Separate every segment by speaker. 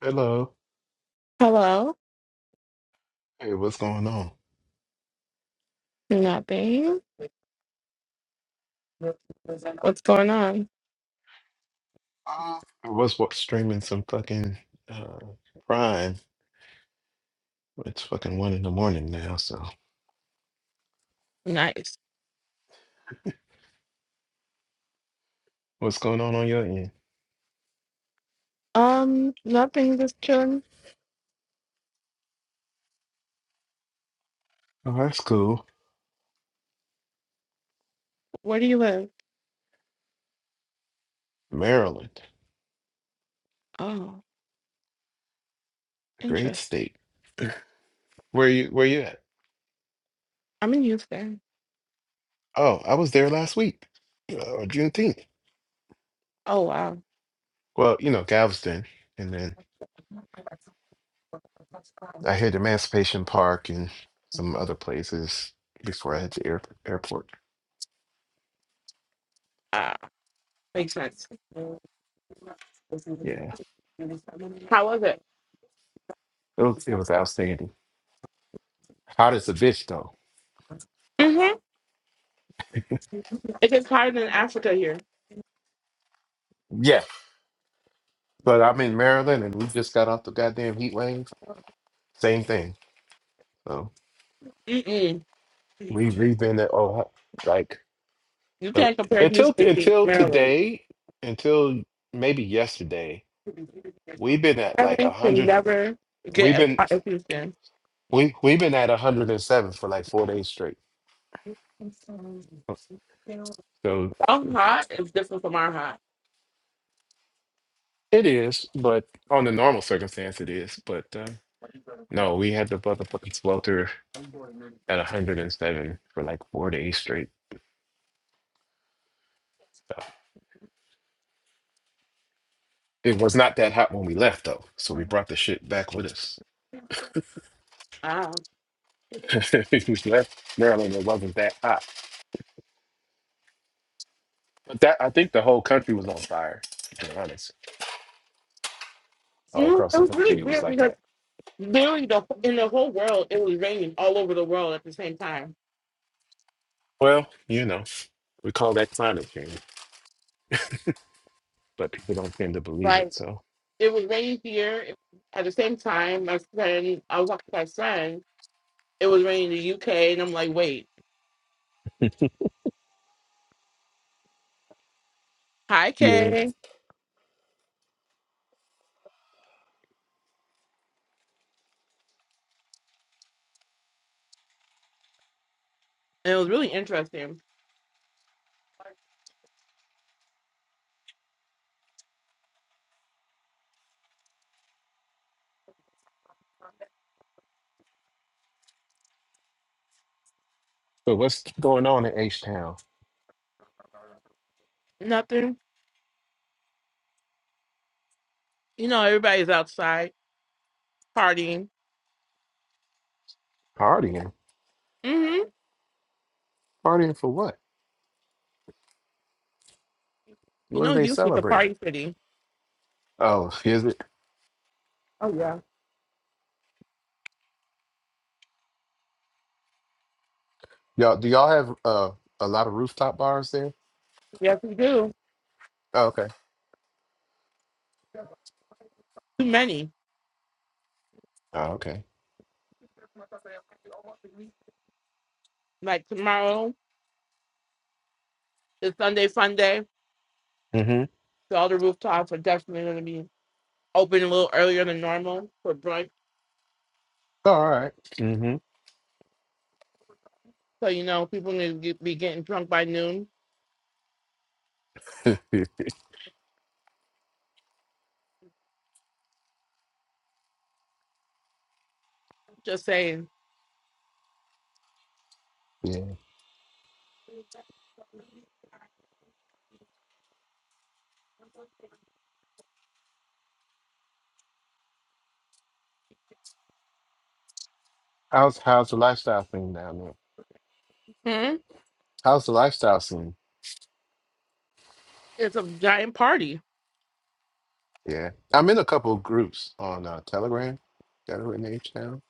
Speaker 1: Hello.
Speaker 2: Hello,
Speaker 1: Hey, what's going on?
Speaker 2: nothing. What's going on?
Speaker 1: Uh, I was wa- streaming some fucking uh, Prime. It's fucking one in the morning now, so
Speaker 2: Nice.
Speaker 1: what's going on on your end?
Speaker 2: Um, nothing. Just chilling.
Speaker 1: Oh, that's cool.
Speaker 2: Where do you live?
Speaker 1: Maryland,
Speaker 2: Oh,
Speaker 1: a great
Speaker 2: interest.
Speaker 1: state. Where you where you at?
Speaker 2: I'm in Houston.
Speaker 1: Oh, I was there last week, uh, or Juneteenth.
Speaker 2: Oh wow.
Speaker 1: Well, you know Galveston, and then I hit Emancipation Park and some other places before I had the air, airport.
Speaker 2: Ah, makes sense.
Speaker 1: Yeah,
Speaker 2: How was it?
Speaker 1: it was it was outstanding. Hot as a bitch though.
Speaker 2: Mhm. It gets hotter than Africa here.
Speaker 1: Yeah, But I'm in Maryland, and we just got off the goddamn heat wave. Same thing. So
Speaker 2: Mm-mm.
Speaker 1: we we've been at oh like
Speaker 2: You
Speaker 1: uh,
Speaker 2: can't compare
Speaker 1: until
Speaker 2: Houston to
Speaker 1: until
Speaker 2: Maryland.
Speaker 1: today, until maybe yesterday, we've been at like a
Speaker 2: Maryland can
Speaker 1: hundred.
Speaker 2: never
Speaker 1: We've
Speaker 2: get as
Speaker 1: been
Speaker 2: hot as Houston.
Speaker 1: we we've been at a hundred and seven for like four days straight. So
Speaker 2: Our hot is different from our hot.
Speaker 1: it is, but on the normal circumstance, it is. But uh, no, we had the motherfucking swelter at a hundred and seven for like four days straight. So, It was not that hot when we left, though. So we brought the shit back with us.
Speaker 2: Wow.
Speaker 1: we left Maryland. It wasn't that hot. But that I think the whole country was on fire. To be honest, all
Speaker 2: Mm,
Speaker 1: across
Speaker 2: It
Speaker 1: the
Speaker 2: was really
Speaker 1: country it was
Speaker 2: weird
Speaker 1: like
Speaker 2: because
Speaker 1: that.
Speaker 2: literally the in the whole world it was raining all over the world at the same time.
Speaker 1: Well, you know, we call that climate change, but people don't tend to believe it.
Speaker 2: Like
Speaker 1: So
Speaker 2: it was raining here it- at the same time. My friend, I was talking to my friend. It was raining in the UK, and I'm like, wait, hi
Speaker 1: yeah.
Speaker 2: Kay. And it was really interesting.
Speaker 1: So what's going on in H Town?
Speaker 2: Nothing, you know, everybody's outside partying.
Speaker 1: Partying,
Speaker 2: hmm
Speaker 1: partying for what?
Speaker 2: You
Speaker 1: What do
Speaker 2: know,
Speaker 1: they
Speaker 2: Houston's a
Speaker 1: celebrate?
Speaker 2: party city.
Speaker 1: Oh, is it
Speaker 2: Oh yeah,
Speaker 1: y'all? Do y'all have uh, a lot of rooftop bars there?
Speaker 2: yes we do.
Speaker 1: Oh, okay.
Speaker 2: Too many.
Speaker 1: Oh, okay.
Speaker 2: Like tomorrow is Sunday fun
Speaker 1: Mm-hmm.
Speaker 2: so all the rooftops are definitely going to be open a little earlier than normal for brunch.
Speaker 1: All right. Mm-hmm.
Speaker 2: So you know, people need to get, be getting drunk by noon. Just saying,
Speaker 1: Yeah. How's how's the lifestyle scene down there?
Speaker 2: hmm?
Speaker 1: How's the lifestyle scene?
Speaker 2: it's a giant party.
Speaker 1: Yeah, I'm in a couple of groups on uh, Telegram. Got it in H now.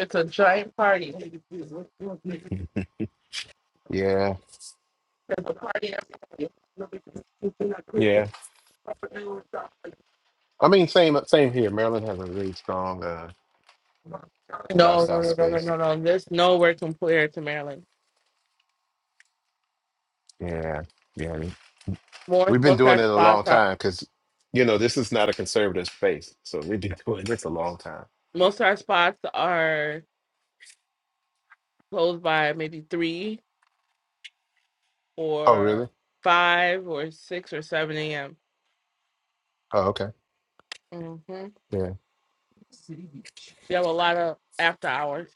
Speaker 2: It's a giant party. It's
Speaker 1: Yeah,
Speaker 2: a party every night.
Speaker 1: yeah. I mean, same same here. Maryland has a really strong uh,
Speaker 2: No, no,
Speaker 1: lifestyle
Speaker 2: no, no, no,
Speaker 1: space.
Speaker 2: no, no. There's nowhere compared to Maryland.
Speaker 1: Yeah, yeah. we-
Speaker 2: More
Speaker 1: We've been
Speaker 2: smoke
Speaker 1: doing it
Speaker 2: fest
Speaker 1: a
Speaker 2: spots
Speaker 1: long
Speaker 2: are
Speaker 1: time because you know this is not a conservative space, so we've been doing this a long time.
Speaker 2: Most of our spots are closed by maybe three
Speaker 1: Oh,
Speaker 2: or
Speaker 1: really?
Speaker 2: five or six or seven a.m.
Speaker 1: Oh, okay.
Speaker 2: hmm
Speaker 1: Yeah,
Speaker 2: We have a lot of after hours.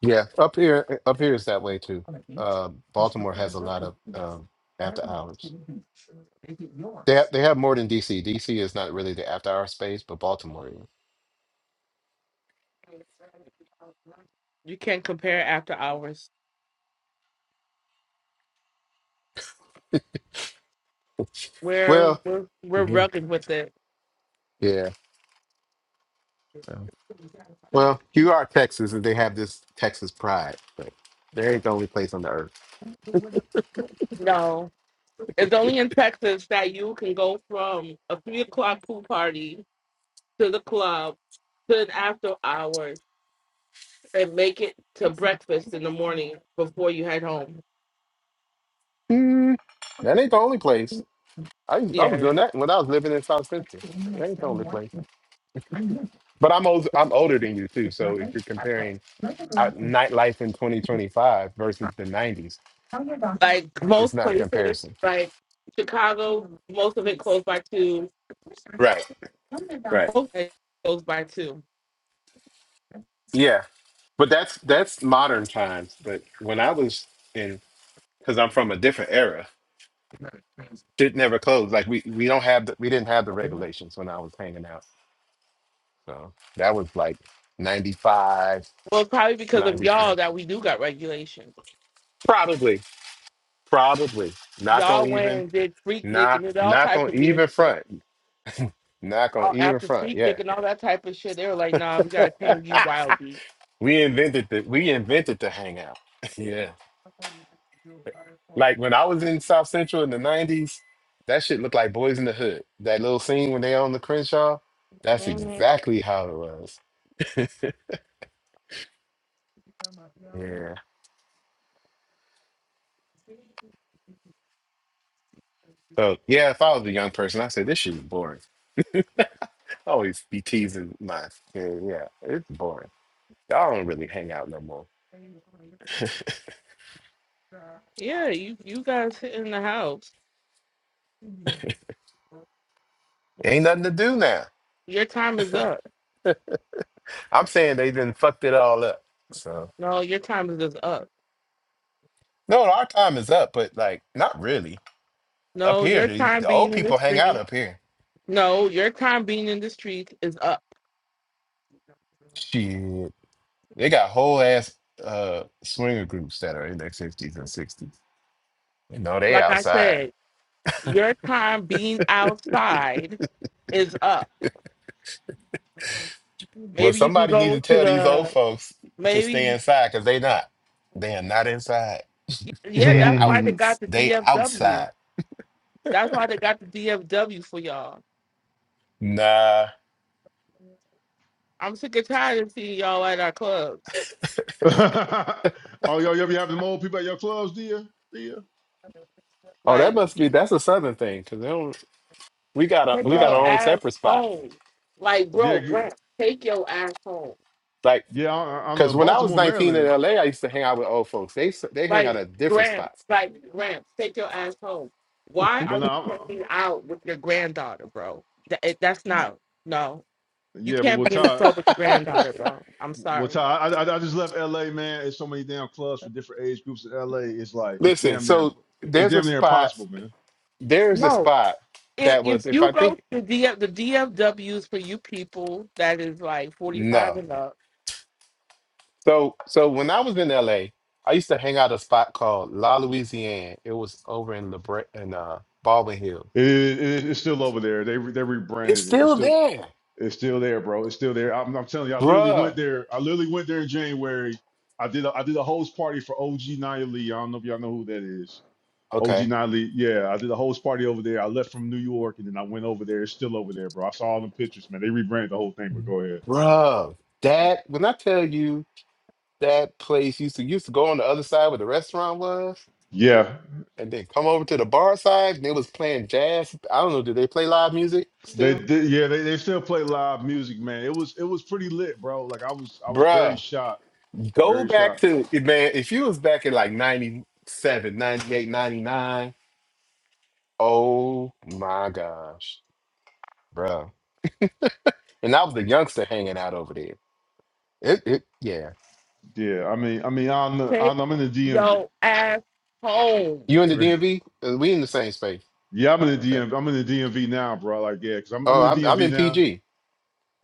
Speaker 1: yeah. Up here, up here is that way too. Uh, Baltimore has a lot of um, after hours. They have, they have more than DC. DC is not really the after hour space, but Baltimore is.
Speaker 2: You can't compare after hours. We're
Speaker 1: Well,
Speaker 2: we're we're
Speaker 1: Mhm.
Speaker 2: rugged with it.
Speaker 1: yeah. so- Well, you are Texas, and they have this Texas pride, but they ain't the only place on the earth.
Speaker 2: No, it's only in Texas that you can go from a three o'clock pool party to the club to an after hours and make it to breakfast in the morning before you head home.
Speaker 1: Mm, that ain't the only place. I I was
Speaker 2: Yeah.
Speaker 1: doing that when I was living in South Central. It ain't the only place. But I'm old, I'm older than you too. So if you're comparing out nightlife in 2025 versus the 90s,
Speaker 2: Like
Speaker 1: it's
Speaker 2: most
Speaker 1: not a
Speaker 2: places,
Speaker 1: comparison.
Speaker 2: like Chicago, most of it closed by two.
Speaker 1: Right.
Speaker 2: Most
Speaker 1: Right.
Speaker 2: of it closed by two.
Speaker 1: Yeah. But that's that's modern times. But when I was in because I'm from a different era. Shit never closed. Like we we don't have the, we didn't have the regulations when I was hanging out. So that was like 95,
Speaker 2: Well, it's probably because of
Speaker 1: ninety
Speaker 2: y'all
Speaker 1: four,
Speaker 2: that we do got regulations.
Speaker 1: Probably, probably. Not
Speaker 2: Y'all
Speaker 1: gonna
Speaker 2: went
Speaker 1: even
Speaker 2: and did Freak Nick
Speaker 1: not
Speaker 2: and did all
Speaker 1: not
Speaker 2: types
Speaker 1: gonna
Speaker 2: of weird
Speaker 1: even
Speaker 2: shit.
Speaker 1: front. Not gonna
Speaker 2: All
Speaker 1: even
Speaker 2: after
Speaker 1: front.
Speaker 2: Freak
Speaker 1: Yeah.
Speaker 2: Nick and all that type of shit, they were like, "Nah, we gotta tame you, wild beast."
Speaker 1: we invented the we invented the hangout. yeah. Like when I was in South Central in the 90s, that shit looked like Boys in the Hood. That little scene when they on the Crenshaw, that's
Speaker 2: Mhm.
Speaker 1: exactly how it was. Yeah. So yeah, if I was a young person, I said this shit is boring. I always be teasing my yeah, yeah, it's boring. Y'all don't really hang out no more.
Speaker 2: Yeah, you you guys sit in the house.
Speaker 1: Ain't nothing to do now.
Speaker 2: Your time is up.
Speaker 1: I'm saying they didn't fucked it all up. So
Speaker 2: No, your time is just up.
Speaker 1: no, our time is up, but like not really. Up
Speaker 2: No,
Speaker 1: here,
Speaker 2: your
Speaker 1: the,
Speaker 2: time
Speaker 1: the old
Speaker 2: being in the
Speaker 1: people hang out
Speaker 2: streets.
Speaker 1: up here.
Speaker 2: No, your time being in the streets is up.
Speaker 1: Shit, they got whole ass uh swinger groups that are in their fifties and sixties. You know they
Speaker 2: Like I
Speaker 1: outside.
Speaker 2: said, your time being outside is up.
Speaker 1: Well,
Speaker 2: Maybe you can
Speaker 1: somebody need to
Speaker 2: go to
Speaker 1: tell these old
Speaker 2: the
Speaker 1: folks to stay
Speaker 2: maybe
Speaker 1: inside because they not. They are not inside.
Speaker 2: yeah,
Speaker 1: They
Speaker 2: that's
Speaker 1: out.
Speaker 2: why they
Speaker 3: oh,
Speaker 2: got the
Speaker 1: They
Speaker 2: DFW.
Speaker 1: outside.
Speaker 2: That's why they got the DFW for y'all.
Speaker 1: Nah.
Speaker 2: I'm sick and tired of seeing y'all at our clubs.
Speaker 3: yo, you ever have them old people at your clubs, do you? Do Dear?
Speaker 1: Oh, that
Speaker 2: Like,
Speaker 1: must be. That's a southern thing. Cause they don't, we got a
Speaker 2: take
Speaker 1: we got
Speaker 2: your
Speaker 1: our
Speaker 3: Nah.
Speaker 1: own
Speaker 2: ass
Speaker 1: separate spots.
Speaker 2: home. Like, bro,
Speaker 3: Yeah, g-
Speaker 2: Brent, take your ass home.
Speaker 1: Like,
Speaker 3: yeah. I, I I know
Speaker 1: cause
Speaker 3: in
Speaker 1: when I was
Speaker 3: Baltimore,
Speaker 1: nineteen in
Speaker 3: Maryland,
Speaker 1: LA, I used to hang out with old folks. They s- they hang out
Speaker 2: Like
Speaker 1: at different
Speaker 2: Graham,
Speaker 1: spots.
Speaker 2: like Graham, take your ass home. Why are
Speaker 3: but
Speaker 2: you
Speaker 3: now, i
Speaker 2: hanging out with your granddaughter, bro? That, it- that's
Speaker 3: yeah,
Speaker 2: not no. You
Speaker 3: yeah. But
Speaker 2: can't
Speaker 3: we'll
Speaker 2: be in the
Speaker 3: tie.
Speaker 2: club with your granddaughter, bro. I'm
Speaker 3: Well, Ty,
Speaker 2: sorry.
Speaker 3: I, I I just left LA, man. There's so many damn clubs for different age groups in LA. It's like it's
Speaker 1: Listen.
Speaker 3: damn near,
Speaker 1: So
Speaker 3: imp- it's
Speaker 1: there's a
Speaker 3: damn near
Speaker 1: spot.
Speaker 3: impossible, man.
Speaker 1: There's a
Speaker 2: no.
Speaker 1: spot
Speaker 2: if
Speaker 1: that
Speaker 2: if
Speaker 1: was. If
Speaker 2: you
Speaker 1: I
Speaker 2: go
Speaker 1: think
Speaker 2: to DF, the DFWs for you people that is like
Speaker 1: no.
Speaker 2: 45 and up,
Speaker 1: So so when I was in LA, I used to hang out at a spot called La Louisiane. It was over in LeBret in uh, Baldwin Hills.
Speaker 3: It, it, it's still over there. They re- they
Speaker 1: It's
Speaker 3: rebranded it. It's
Speaker 1: still
Speaker 3: still.
Speaker 1: there,
Speaker 3: It's still there, bro. It's still there. I'm, I'm telling you, I literally
Speaker 1: bruh.
Speaker 3: went there. I literally went there in January. I did a, I did a host party for OG Nia Lee. I don't know if y'all know who that is. OG
Speaker 1: Okay
Speaker 3: Nia Lee. Yeah, I did a host party over there. I left from New York and then I went over there. It's still over there, bro. I saw all them pictures, man. They rebranded the whole thing, but go ahead.
Speaker 1: Bruh, that when I tell you that place used to used to go on the other side where the restaurant was,
Speaker 3: Yeah,
Speaker 1: and then come over to the bar side, and they was playing jazz. I don't know, do they play live music
Speaker 3: they
Speaker 1: still?
Speaker 3: did. Yeah, they, they still play live music, man. It was it was pretty lit, bro. Like I was I was very
Speaker 1: Bruh,
Speaker 3: shocked,
Speaker 1: go
Speaker 3: very
Speaker 1: back
Speaker 3: shocked.
Speaker 1: to eh, man. If you was back in like 97, 98, 99, oh my gosh, bruh. And I was the youngster hanging out over there. It, it, yeah.
Speaker 3: Yeah, I mean I mean I'm the,
Speaker 2: take
Speaker 3: I'm, I'm in the
Speaker 2: your
Speaker 3: DMV.
Speaker 2: ass home.
Speaker 1: You in the DMV? Uh, We in the same space.
Speaker 3: Yeah, I'm in the
Speaker 1: Okay.
Speaker 3: DMV. I'm in the DMV now, bro. Like, yeah, because I'm, I'm
Speaker 1: Oh,
Speaker 3: in
Speaker 1: I'm
Speaker 3: the
Speaker 1: I'm
Speaker 3: DMV
Speaker 1: in
Speaker 3: now.
Speaker 1: PG.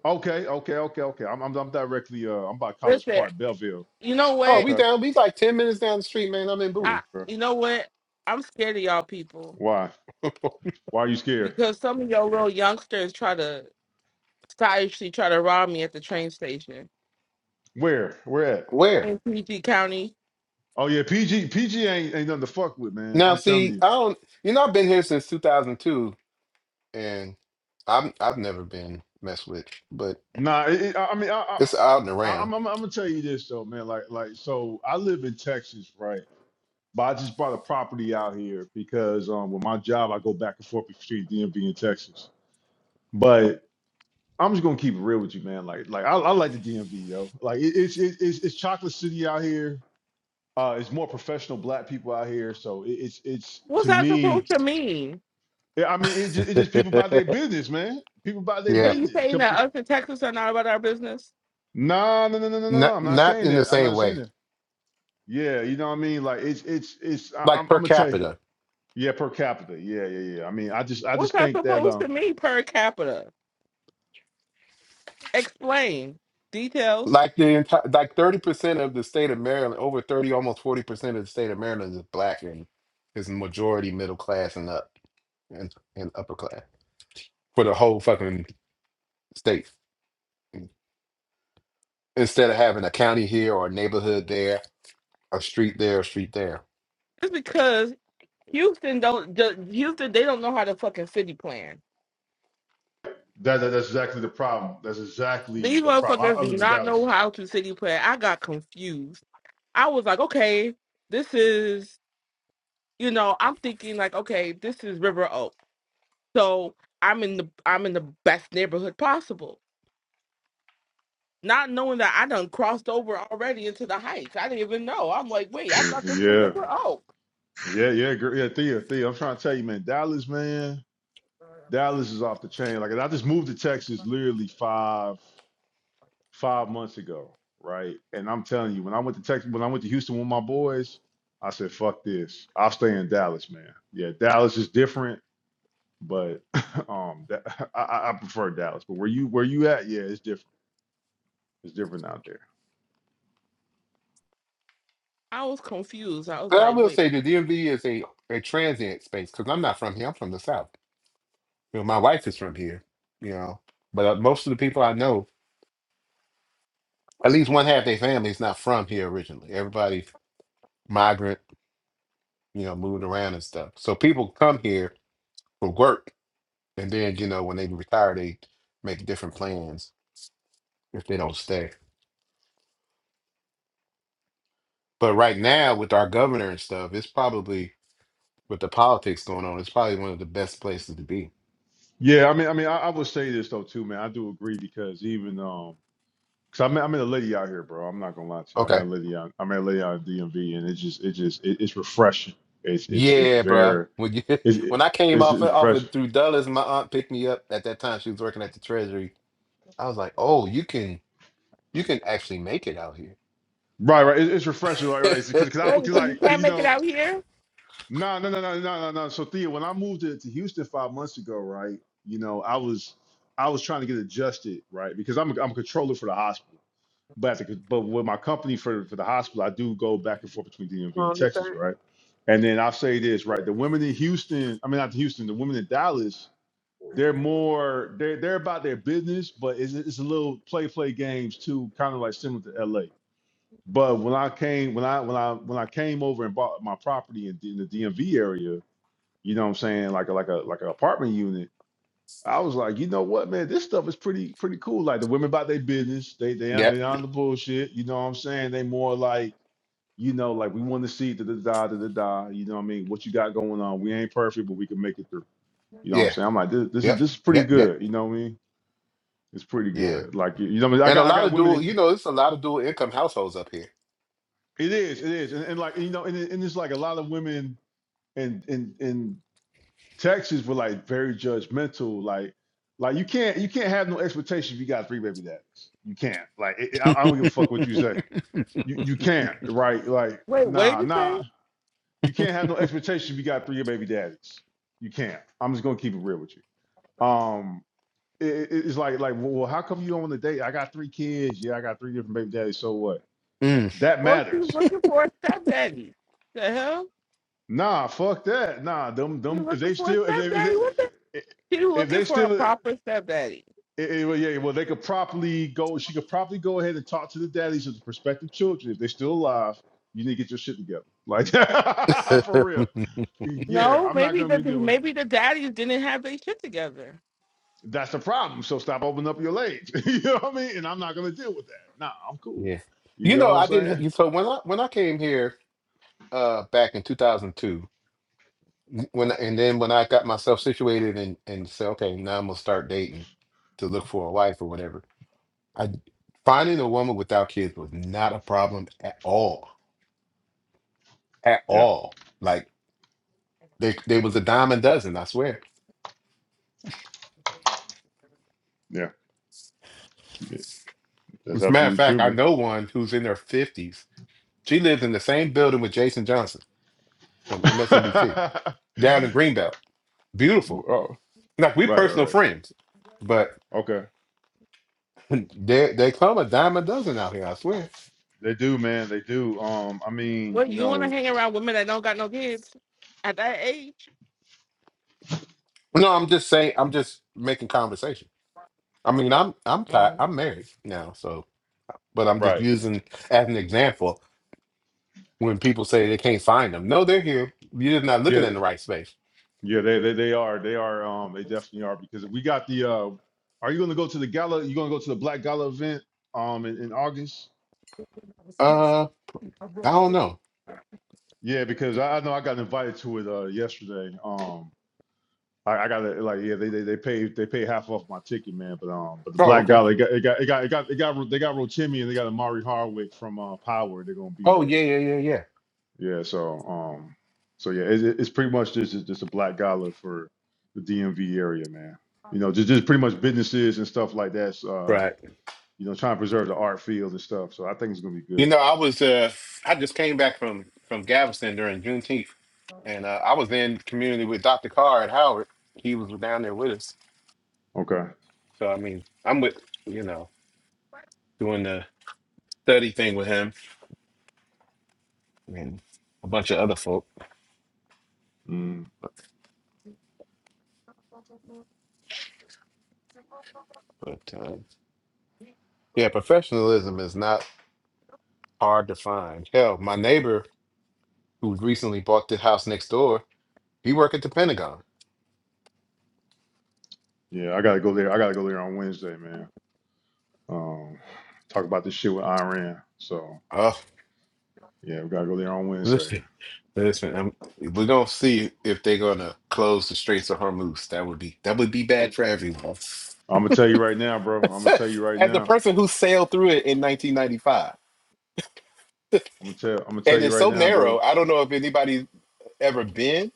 Speaker 3: Okay, okay, okay, okay. I'm I'm, I'm directly uh I'm by College
Speaker 2: Listen,
Speaker 3: Park, Belleville.
Speaker 2: you know
Speaker 1: Oh,
Speaker 2: what?
Speaker 1: we
Speaker 3: Okay,
Speaker 1: down. We like ten minutes down the street, man. I'm in
Speaker 2: I
Speaker 1: Bowie.
Speaker 3: okay.
Speaker 2: you know what? I'm scared of y'all people
Speaker 3: Why? Why are you scared?
Speaker 2: because some of your little youngsters try to Taisha tried to rob me at the train station
Speaker 3: Where? Where at?
Speaker 1: Where?
Speaker 2: in PG County.
Speaker 3: Oh yeah, PG PG ain't ain't nothing to fuck with, man.
Speaker 1: Now,
Speaker 3: I'm telling
Speaker 1: see,
Speaker 3: you.
Speaker 1: I don't. You know, I've been here since 2002, and I'm I've never been messed with, but
Speaker 3: Nah, it, it- I I mean, I, I
Speaker 1: it's out and
Speaker 3: I-
Speaker 1: around.
Speaker 3: I'm, I'm I'm gonna tell you this though, man. Like like so, I live in Texas, right? But I just bought a property out here because um with my job, I go back and forth between DMV and Texas. but. I'm just gonna keep it real with you, man. Like, like I, I like the DMV, yo. Like, it, it's it, it's it's chocolate city out here. Uh, it's more professional black people out here, so it, it's it's
Speaker 2: What's
Speaker 3: to
Speaker 2: that supposed
Speaker 3: me.
Speaker 2: to mean?
Speaker 3: yeah, I mean, it just, it just people about their business, man. People about their
Speaker 2: Are
Speaker 1: yeah,
Speaker 2: you
Speaker 3: business.
Speaker 2: saying that
Speaker 3: Couple-
Speaker 2: us in Texas are not about our business?
Speaker 3: Nah, no, no, no, no, no, no.
Speaker 1: not
Speaker 3: I'm not
Speaker 1: not
Speaker 3: saying
Speaker 1: in the
Speaker 3: that. I'm
Speaker 1: same
Speaker 3: not saying
Speaker 1: way.
Speaker 3: that. Yeah, you know what I mean. Like, it's it's it's. I,
Speaker 1: Like
Speaker 3: I'm
Speaker 1: per
Speaker 3: I'm gonna tell you.
Speaker 1: capita,
Speaker 3: Yeah, per capita. Yeah, yeah, yeah. I mean, I just I
Speaker 2: What's
Speaker 3: just
Speaker 2: that
Speaker 3: think that
Speaker 2: supposed to
Speaker 3: um
Speaker 2: mean per capita? Explain details.
Speaker 1: like the entire like 30 percent of the state of Maryland, over 30, almost 40 percent of the state of Maryland is black and is majority middle class and up and, and upper class for the whole fucking state. instead of having a county here or a neighborhood there, a street there, a street there.
Speaker 2: It's because Houston don't the, Houston they don't know how to fucking city plan.
Speaker 3: that, that that's exactly the problem. That's exactly
Speaker 2: These
Speaker 3: the problem. I,
Speaker 2: motherfuckers
Speaker 3: I
Speaker 2: do
Speaker 3: live in
Speaker 2: not know
Speaker 3: Dallas.
Speaker 2: how to city plan. I got confused. I was like, okay, this is you know I'm thinking like, okay, this is River Oaks. So I'm in the I'm in the best neighborhood possible. Not knowing that I done crossed over already into the heights. I didn't even know. I'm like, wait, I thought this was
Speaker 3: Yeah.
Speaker 2: a oh.
Speaker 3: Yeah, yeah, girl. yeah, Thea, Thea. I'm trying to tell you, man, Dallas, man, Dallas is off the chain. Like, I just moved to Texas literally five five months ago, right? And I'm telling you, when I went to Texas, when I went to Houston with my boys, I said, "Fuck this, I'll stay in Dallas, man." Yeah, Dallas is different, but um, that, I, I I prefer Dallas. But where you where you at? Yeah, it's different. It's different out there.
Speaker 2: I was confused. I was
Speaker 1: But I
Speaker 2: like,
Speaker 1: will
Speaker 2: wait,
Speaker 1: say the DMV is a, a transient space because I'm not from here. I'm from the South. You know, my wife is from here. You know, but uh, most of the people I know, at least one half their family is not from here originally. Everybody's migrant. You know, moved around and stuff. So people come here for work, and then you know when they retire, they make different plans if they don't stay. But right now, with our governor and stuff, it's probably with the politics going on, it's probably one of the best places to be.
Speaker 3: Yeah, I mean, I mean, I, I would say this though too, man. I do agree because even um. Cause I'm I'm in a Liddy out here, bro. I'm not gonna lie to you. I'm
Speaker 1: Okay.
Speaker 3: at Liddy out. I'm at Liddy out in DMV, and it's just it just it, it's refreshing. It's it's it's
Speaker 1: Yeah, bruh.
Speaker 3: very
Speaker 1: When you
Speaker 3: it's
Speaker 1: when
Speaker 3: it,
Speaker 1: I came
Speaker 3: it's,
Speaker 1: off of,
Speaker 3: it's
Speaker 1: off of
Speaker 3: refreshing.
Speaker 1: through Dulles, my aunt picked me up at that time. She was working at the Treasury. I was like, oh, you can you can actually make it out here.
Speaker 3: Right, right. It, it's refreshing. Like, like, cause, cause I, cause
Speaker 2: wait, so you
Speaker 3: like, 'cause,
Speaker 2: can't
Speaker 3: you
Speaker 2: make it
Speaker 3: know,
Speaker 2: out here?
Speaker 3: no, no, no, no, no, no, no. So Thea, when I moved to, to Houston five months ago, right, you know, I was, I was trying to get adjusted, right, because I'm, a, I'm a controller for the hospital. but at the, but with my company for for the hospital, I do go back
Speaker 4: Do
Speaker 3: and forth between DMV
Speaker 4: You
Speaker 3: and
Speaker 4: on this
Speaker 3: Texas,
Speaker 4: thing?
Speaker 3: right? And then I'll say this, right? The women in Houston, I mean not Houston, the women in Dallas, they're more they're they're about their business, but it's it's a little play play games too, kind of like similar to LA. But when I came when I when I when I came over and bought my property in, D- in the DMV area, you know what I'm saying, like a like a like an apartment unit I was like, you know what, man, this stuff is pretty pretty cool. Like the women about their business, they they on
Speaker 1: Yep.
Speaker 3: they on the bullshit. You know what I'm saying? They more like, you know, like we want to see da da da da da da. You know what I mean? What you got going on? We ain't perfect, but we can make it through. You know what I'm
Speaker 1: Yeah.
Speaker 3: saying? I'm like, this, this is
Speaker 1: Yep.
Speaker 3: this is pretty
Speaker 1: Yep. Yep.
Speaker 3: good. You know what I mean? It's pretty
Speaker 1: Yeah.
Speaker 3: good. Like you you know, what I, mean? I
Speaker 1: And a
Speaker 3: got I
Speaker 1: lot
Speaker 3: got
Speaker 1: of
Speaker 3: women.
Speaker 1: dual,
Speaker 3: In,
Speaker 1: you know, it's a lot of dual income households up here.
Speaker 3: it is it is, and, and like you know, and, it- and it's like a lot of women and and and Texas were like very judgmental. Like, like you can't you can't have no expectation if you got three baby daddies. You can't. Like, it, I, I don't give a fuck what you say. You you can't. Right? Like,
Speaker 2: Wait, what did
Speaker 3: nah,
Speaker 2: you
Speaker 3: nah.
Speaker 2: say?
Speaker 3: You can't have no expectation if you got three baby daddies. You can't. I'm just gonna keep it real with you. Um, it, it- it's like like well, well, how come you don't want to date? I got three kids. Yeah, I got three different baby daddies. So what?
Speaker 1: Mm.
Speaker 3: That
Speaker 2: Well, she's
Speaker 3: matters.
Speaker 2: looking for a stepdaddy. The hell?
Speaker 3: Nah, fuck that. Nah, them
Speaker 2: She's
Speaker 3: them. If
Speaker 2: looking
Speaker 3: they
Speaker 2: for a
Speaker 3: still if they if
Speaker 2: stepdaddy? What the
Speaker 3: they
Speaker 2: she's
Speaker 3: if
Speaker 2: looking
Speaker 3: they
Speaker 2: for a
Speaker 3: still
Speaker 2: proper stepdaddy.
Speaker 3: It, it- well, yeah, well, they could properly go. She could probably go ahead and talk to the daddies of the prospective children if they're still alive. You need to get your shit together, like for real. Yeah,
Speaker 2: No,
Speaker 3: I'm not
Speaker 2: maybe
Speaker 3: gonna
Speaker 2: the
Speaker 3: be doing.
Speaker 2: maybe the daddies didn't have their shit together.
Speaker 3: That's the problem. So stop opening up your legs. you know what I mean? And I'm not gonna deal with that. Nah, I'm cool.
Speaker 1: yeah.
Speaker 3: You
Speaker 1: You
Speaker 3: know
Speaker 1: know,
Speaker 3: what I'm
Speaker 1: I
Speaker 3: saying?
Speaker 1: didn't. So when I when I came here uh back in 2002. when and then when I got myself situated and and said, okay, now I'm gonna start dating to look for a wife or whatever. I finding a woman without kids was not a problem at all, at
Speaker 3: Yeah,
Speaker 1: all. Like they they was a dime a dozen, I swear.
Speaker 3: yeah, yeah. that's
Speaker 1: As a matter of
Speaker 3: absolutely
Speaker 1: fact,
Speaker 3: true,
Speaker 1: I
Speaker 3: man.
Speaker 1: know one who's in her fifties. She lives in the same building with Jason Johnson from MSNBC down in Greenbelt. Beautiful.
Speaker 3: oh,
Speaker 1: Like we're
Speaker 3: right,
Speaker 1: personal
Speaker 3: right, right.
Speaker 1: friends, but
Speaker 3: Okay,
Speaker 1: they they come a dime a dozen out here. I swear.
Speaker 3: they do, man. They do. Um, I mean,
Speaker 2: Well,
Speaker 3: you
Speaker 2: you wanna
Speaker 3: know,
Speaker 2: hang around women that don't got no kids at that age?
Speaker 1: No, I'm just saying. I'm just making conversation. I mean, I'm I'm
Speaker 2: Mm-hmm.
Speaker 1: tired. I'm married now, so but I'm just
Speaker 3: right?
Speaker 1: using as an example when people say they can't find them. No, they're here. You're just not looking
Speaker 3: Yeah,
Speaker 1: in the right space.
Speaker 3: Yeah, they, they they are. They are. Um, they definitely are because we got the. Uh, are you going to go to the gala? You going to go to the Black Gala event? Um, in, in August.
Speaker 1: Uh, I don't know.
Speaker 3: Yeah, because I, I know I got invited to it uh yesterday. Um, I, I got to like yeah they they they paid they paid half off my ticket man, but um but the
Speaker 1: Oh,
Speaker 3: Black
Speaker 1: okay.
Speaker 3: Gala it got it got it got it got, it got they got Rotimi and they got Amari Hardwick from uh Power. They're gonna be
Speaker 1: Oh,
Speaker 3: there.
Speaker 1: yeah, yeah, yeah, yeah.
Speaker 3: Yeah, so um, so yeah, it, it's pretty much just it's just a black gala for the DMV area, man. You know, just, just pretty much businesses and stuff like that. so, Uh,
Speaker 1: Right.
Speaker 3: you know, trying to preserve the art field and stuff. So I think it's gonna be
Speaker 1: You
Speaker 3: good.
Speaker 1: know, I was uh, I just came back from from Galveston during Juneteenth, and uh, I was in community with Dr. Carr at Howard. He was down there with us.
Speaker 3: Okay.
Speaker 1: So I mean, I'm with you know doing the study thing with him and a bunch of other folk.
Speaker 3: Mm,
Speaker 1: But uh, yeah, professionalism is not hard to find. Hell, my neighbor who recently bought the house next door, he worked at the Pentagon.
Speaker 3: yeah, I gotta go there. I gotta go there on Wednesday, man. Um, talk about this shit with Iran. So
Speaker 1: Oh,
Speaker 3: yeah, we gotta go there on Wednesday.
Speaker 1: listen, listen, um we're gonna see if they're gonna close the Straits of Hormuz. That would be that would be bad for everyone.
Speaker 3: I'm gonna tell you right now, bro. I'm gonna tell you right
Speaker 1: As a
Speaker 3: now.
Speaker 1: person who sailed through it in 1995,
Speaker 3: I'm gonna tell. I'm gonna tell
Speaker 1: and
Speaker 3: you
Speaker 1: it's
Speaker 3: right
Speaker 1: so
Speaker 3: now,
Speaker 1: narrow,
Speaker 3: dude.
Speaker 1: I don't know if anybody's ever been.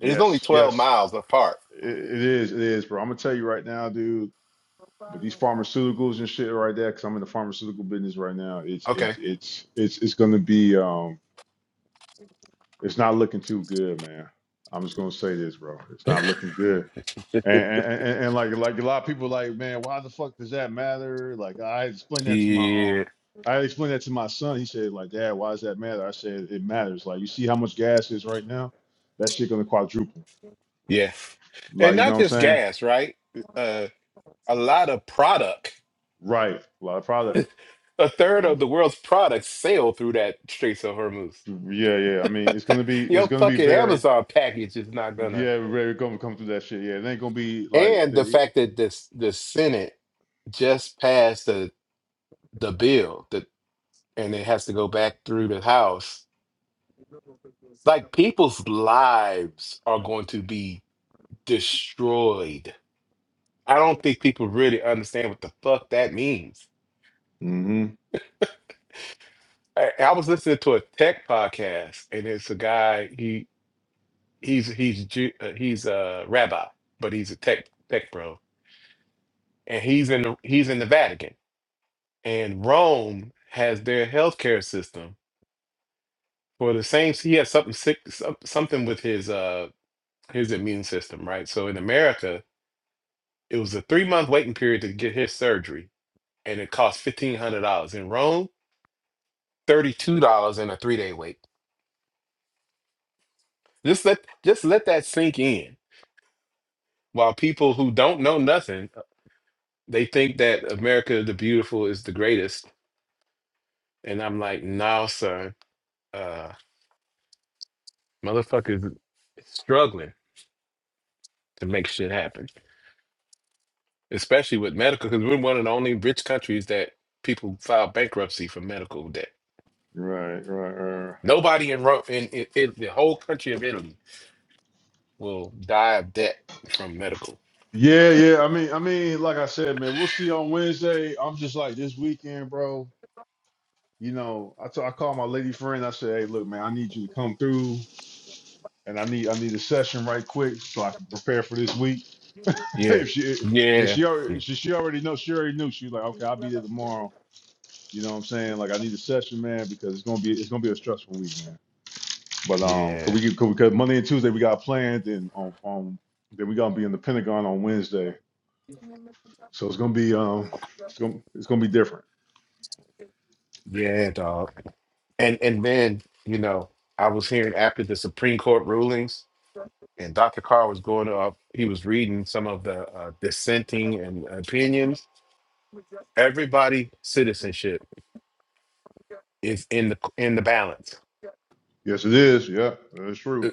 Speaker 1: It is only 12
Speaker 3: yes.
Speaker 1: miles apart.
Speaker 3: It, it is. It is, bro. I'm gonna tell you right now, dude. But these pharmaceuticals and shit right there, because I'm in the pharmaceutical business right now, it's
Speaker 1: Okay.
Speaker 3: it's it's it's it's gonna be um it's not looking too good, man. I'm just gonna say this, bro. It's not looking good. And and, and, and like like a lot of people like, man, why the fuck does that matter? Like I explained that to my
Speaker 1: Yeah.
Speaker 3: um I explained that to my son. He said, like, Dad, why does that matter? I said, it matters. Like, you see how much gas is right now? That shit gonna quadruple.
Speaker 1: Yeah. And
Speaker 3: Like, you know
Speaker 1: not
Speaker 3: what I'm
Speaker 1: just
Speaker 3: saying?
Speaker 1: gas, right? Uh, a lot of product.
Speaker 3: Right. A lot of product.
Speaker 1: A third of
Speaker 3: Um,
Speaker 1: the world's products sail through that Straits of Hormuz.
Speaker 3: yeah, yeah. I mean, it's gonna be it's
Speaker 1: Your
Speaker 3: gonna be
Speaker 1: fucking
Speaker 3: very
Speaker 1: Amazon package is not gonna.
Speaker 3: Yeah, we're gonna come through that shit. Yeah, it ain't gonna be like
Speaker 1: And the
Speaker 3: the.
Speaker 1: fact that this the Senate just passed the the bill that and it has to go back through the House. Like people's lives are going to be destroyed. I don't think people really understand what the fuck that means
Speaker 3: hmm
Speaker 1: I, I was listening to a tech podcast, and it's a guy. He he's he's Ju- uh, he's a rabbi, but he's a tech tech bro, and he's in the, he's in the Vatican, and Rome has their healthcare system for the same. He has something sick, some- something with his uh his immune system, right? So in America, it was a three month waiting period to get his surgery, and it cost fifteen hundred dollars. In Rome, thirty two dollars and a three day wait. Just let just let that sink in While people who don't know nothing, they think that America the Beautiful is the greatest. And I'm like, no, sir. Uh, motherfuckers struggling to make shit happen, especially with medical, because we're one of the only rich countries that people file bankruptcy for medical debt.
Speaker 3: Right, right, right.
Speaker 1: Nobody in, Ro- in, in, in the whole country of Italy will die of debt from medical.
Speaker 3: Yeah, yeah. I mean, I mean, like I said, man, we'll see on Wednesday. I'm just like this weekend, bro. You know, I t- I called my lady friend. I said, hey, look, man, I need you to come through, and I need I need a session right quick so I can prepare for this week.
Speaker 1: Yeah.
Speaker 3: if she and
Speaker 1: Yeah.
Speaker 3: she already she, she already know she already knew she was like, okay, I'll be there tomorrow. You know what I'm saying? Like I need a session, man, because it's gonna be it's gonna be a stressful week, But um, cause
Speaker 1: Yeah.
Speaker 3: we could because Monday and Tuesday we got planned, and on um, then we gonna be in the Pentagon on Wednesday, so it's gonna be um, it's gonna it's gonna be different.
Speaker 1: Yeah, dog. And and then, you know, I was hearing after the Supreme Court rulings, and Dr. Carr was going up, he was reading some of the uh, dissenting and opinions. Everybody citizenship is in the in the balance
Speaker 3: Yes, it is. Yeah, that's
Speaker 1: uh,
Speaker 3: true.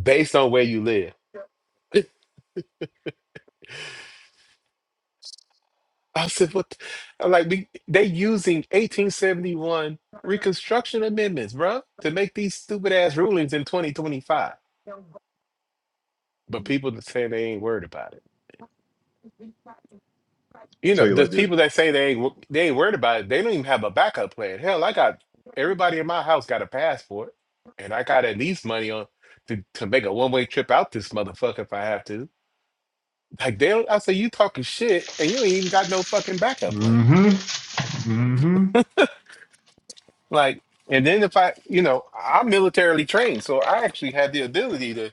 Speaker 1: based on where you live. I said, what? the-" I'm like, "We- they using 1871 Reconstruction amendments, bruh, to make these stupid ass rulings in 2025. But people just saying they ain't worried about it.
Speaker 3: I'll
Speaker 1: You know,
Speaker 3: tell you
Speaker 1: the
Speaker 3: like this.
Speaker 1: people that say they ain't wo- they ain't worried about it, they don't even have a backup plan. Hell, I got everybody in my house got a passport, and I got at least money on to, to make a one way trip out this motherfucker if I have to. Like they don't. I say you talking shit, and you ain't even got no fucking backup plan.
Speaker 3: Mm-hmm. Mm-hmm.
Speaker 1: Like, and then if I, you know, I'm militarily trained, so I actually had the ability to,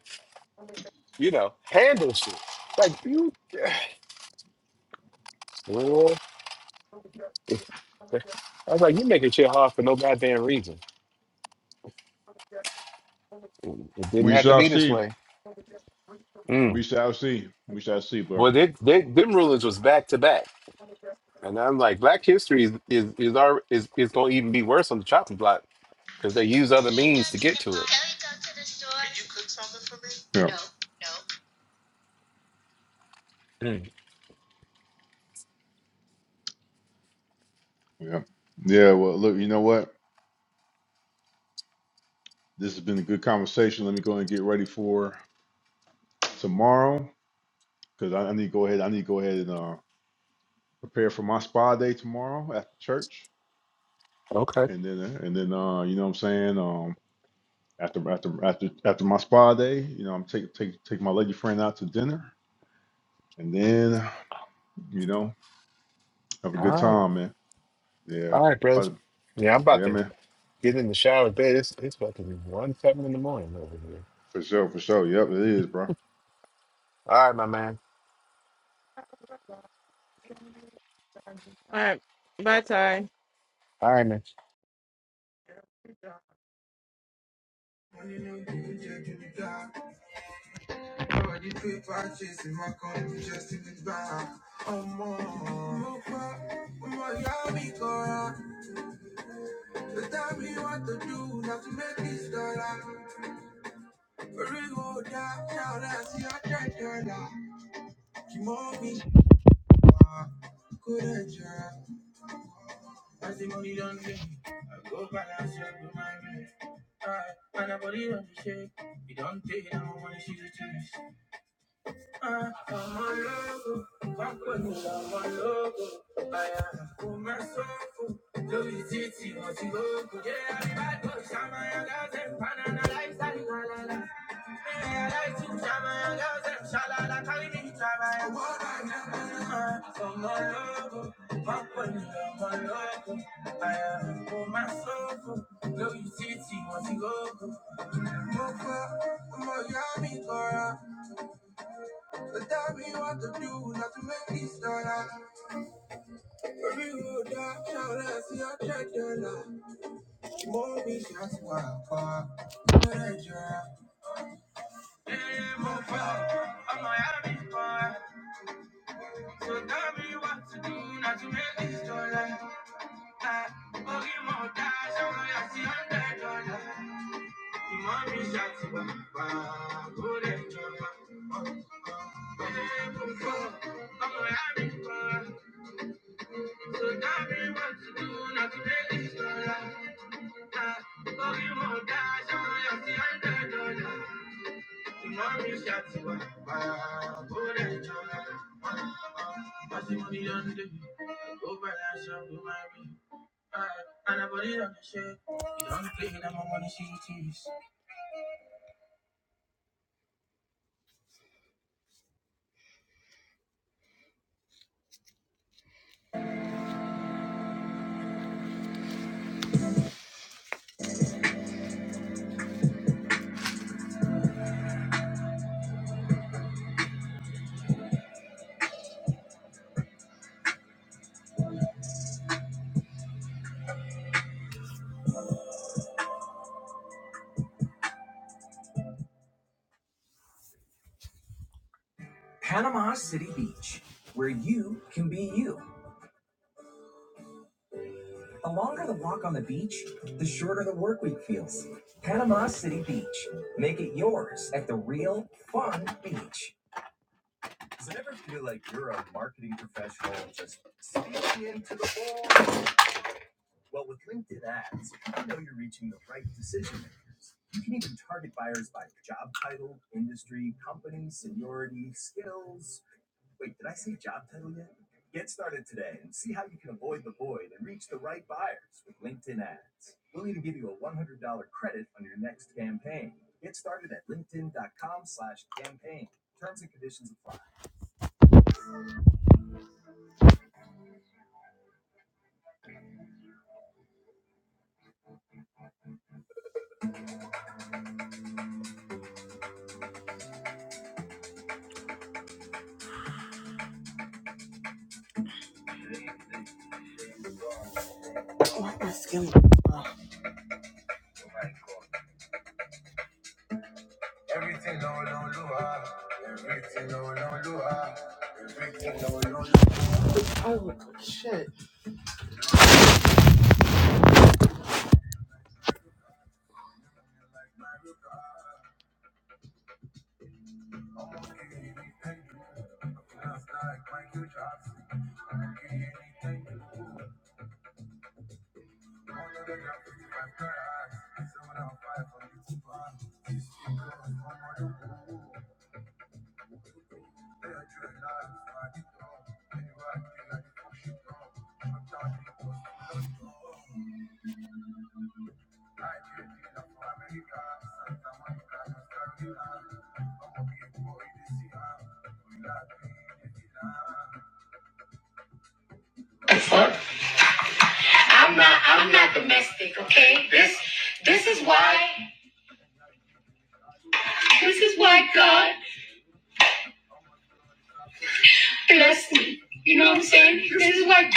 Speaker 1: you know, handle shit. Like you, Lord. I was like, you making shit hard for no goddamn reason. It didn't
Speaker 3: We
Speaker 1: have to
Speaker 3: shall
Speaker 1: be this
Speaker 3: see.
Speaker 1: way. Mm.
Speaker 3: We shall see. We shall see, bro.
Speaker 1: Boy, they, they, them rulings was back to back, and I'm like, Black history is is is our, is, is going to even be worse on the chopping block because they use other means to get to it.
Speaker 3: Yeah.
Speaker 1: Mm,
Speaker 3: Yeah. Yeah. Well, look. You know what? This has been a good conversation. Let me go and get ready for tomorrow because I, I need to go ahead. I need to go ahead and uh, prepare for my spa day tomorrow after church.
Speaker 1: okay,
Speaker 3: And then uh, and then uh, you know what I'm saying? Um after after after after my spa day, you know, I'm take take take my lady friend out to dinner and then, you know, have a good
Speaker 1: all right,
Speaker 3: time, man. Yeah.
Speaker 1: all right, bros.
Speaker 3: But
Speaker 1: Yeah, I'm about
Speaker 3: yeah,
Speaker 1: to
Speaker 3: man.
Speaker 1: get in the shower, bed. It's it's about to be one something in the morning over here.
Speaker 3: For sure, for sure. Yep, it is, bro.
Speaker 1: All right, my man.
Speaker 2: All right. Bye, Ty.
Speaker 1: All right, man.
Speaker 2: I'm not I'm not domestic, okay? This this is why this is why God blessed me. You know what I'm saying? This is why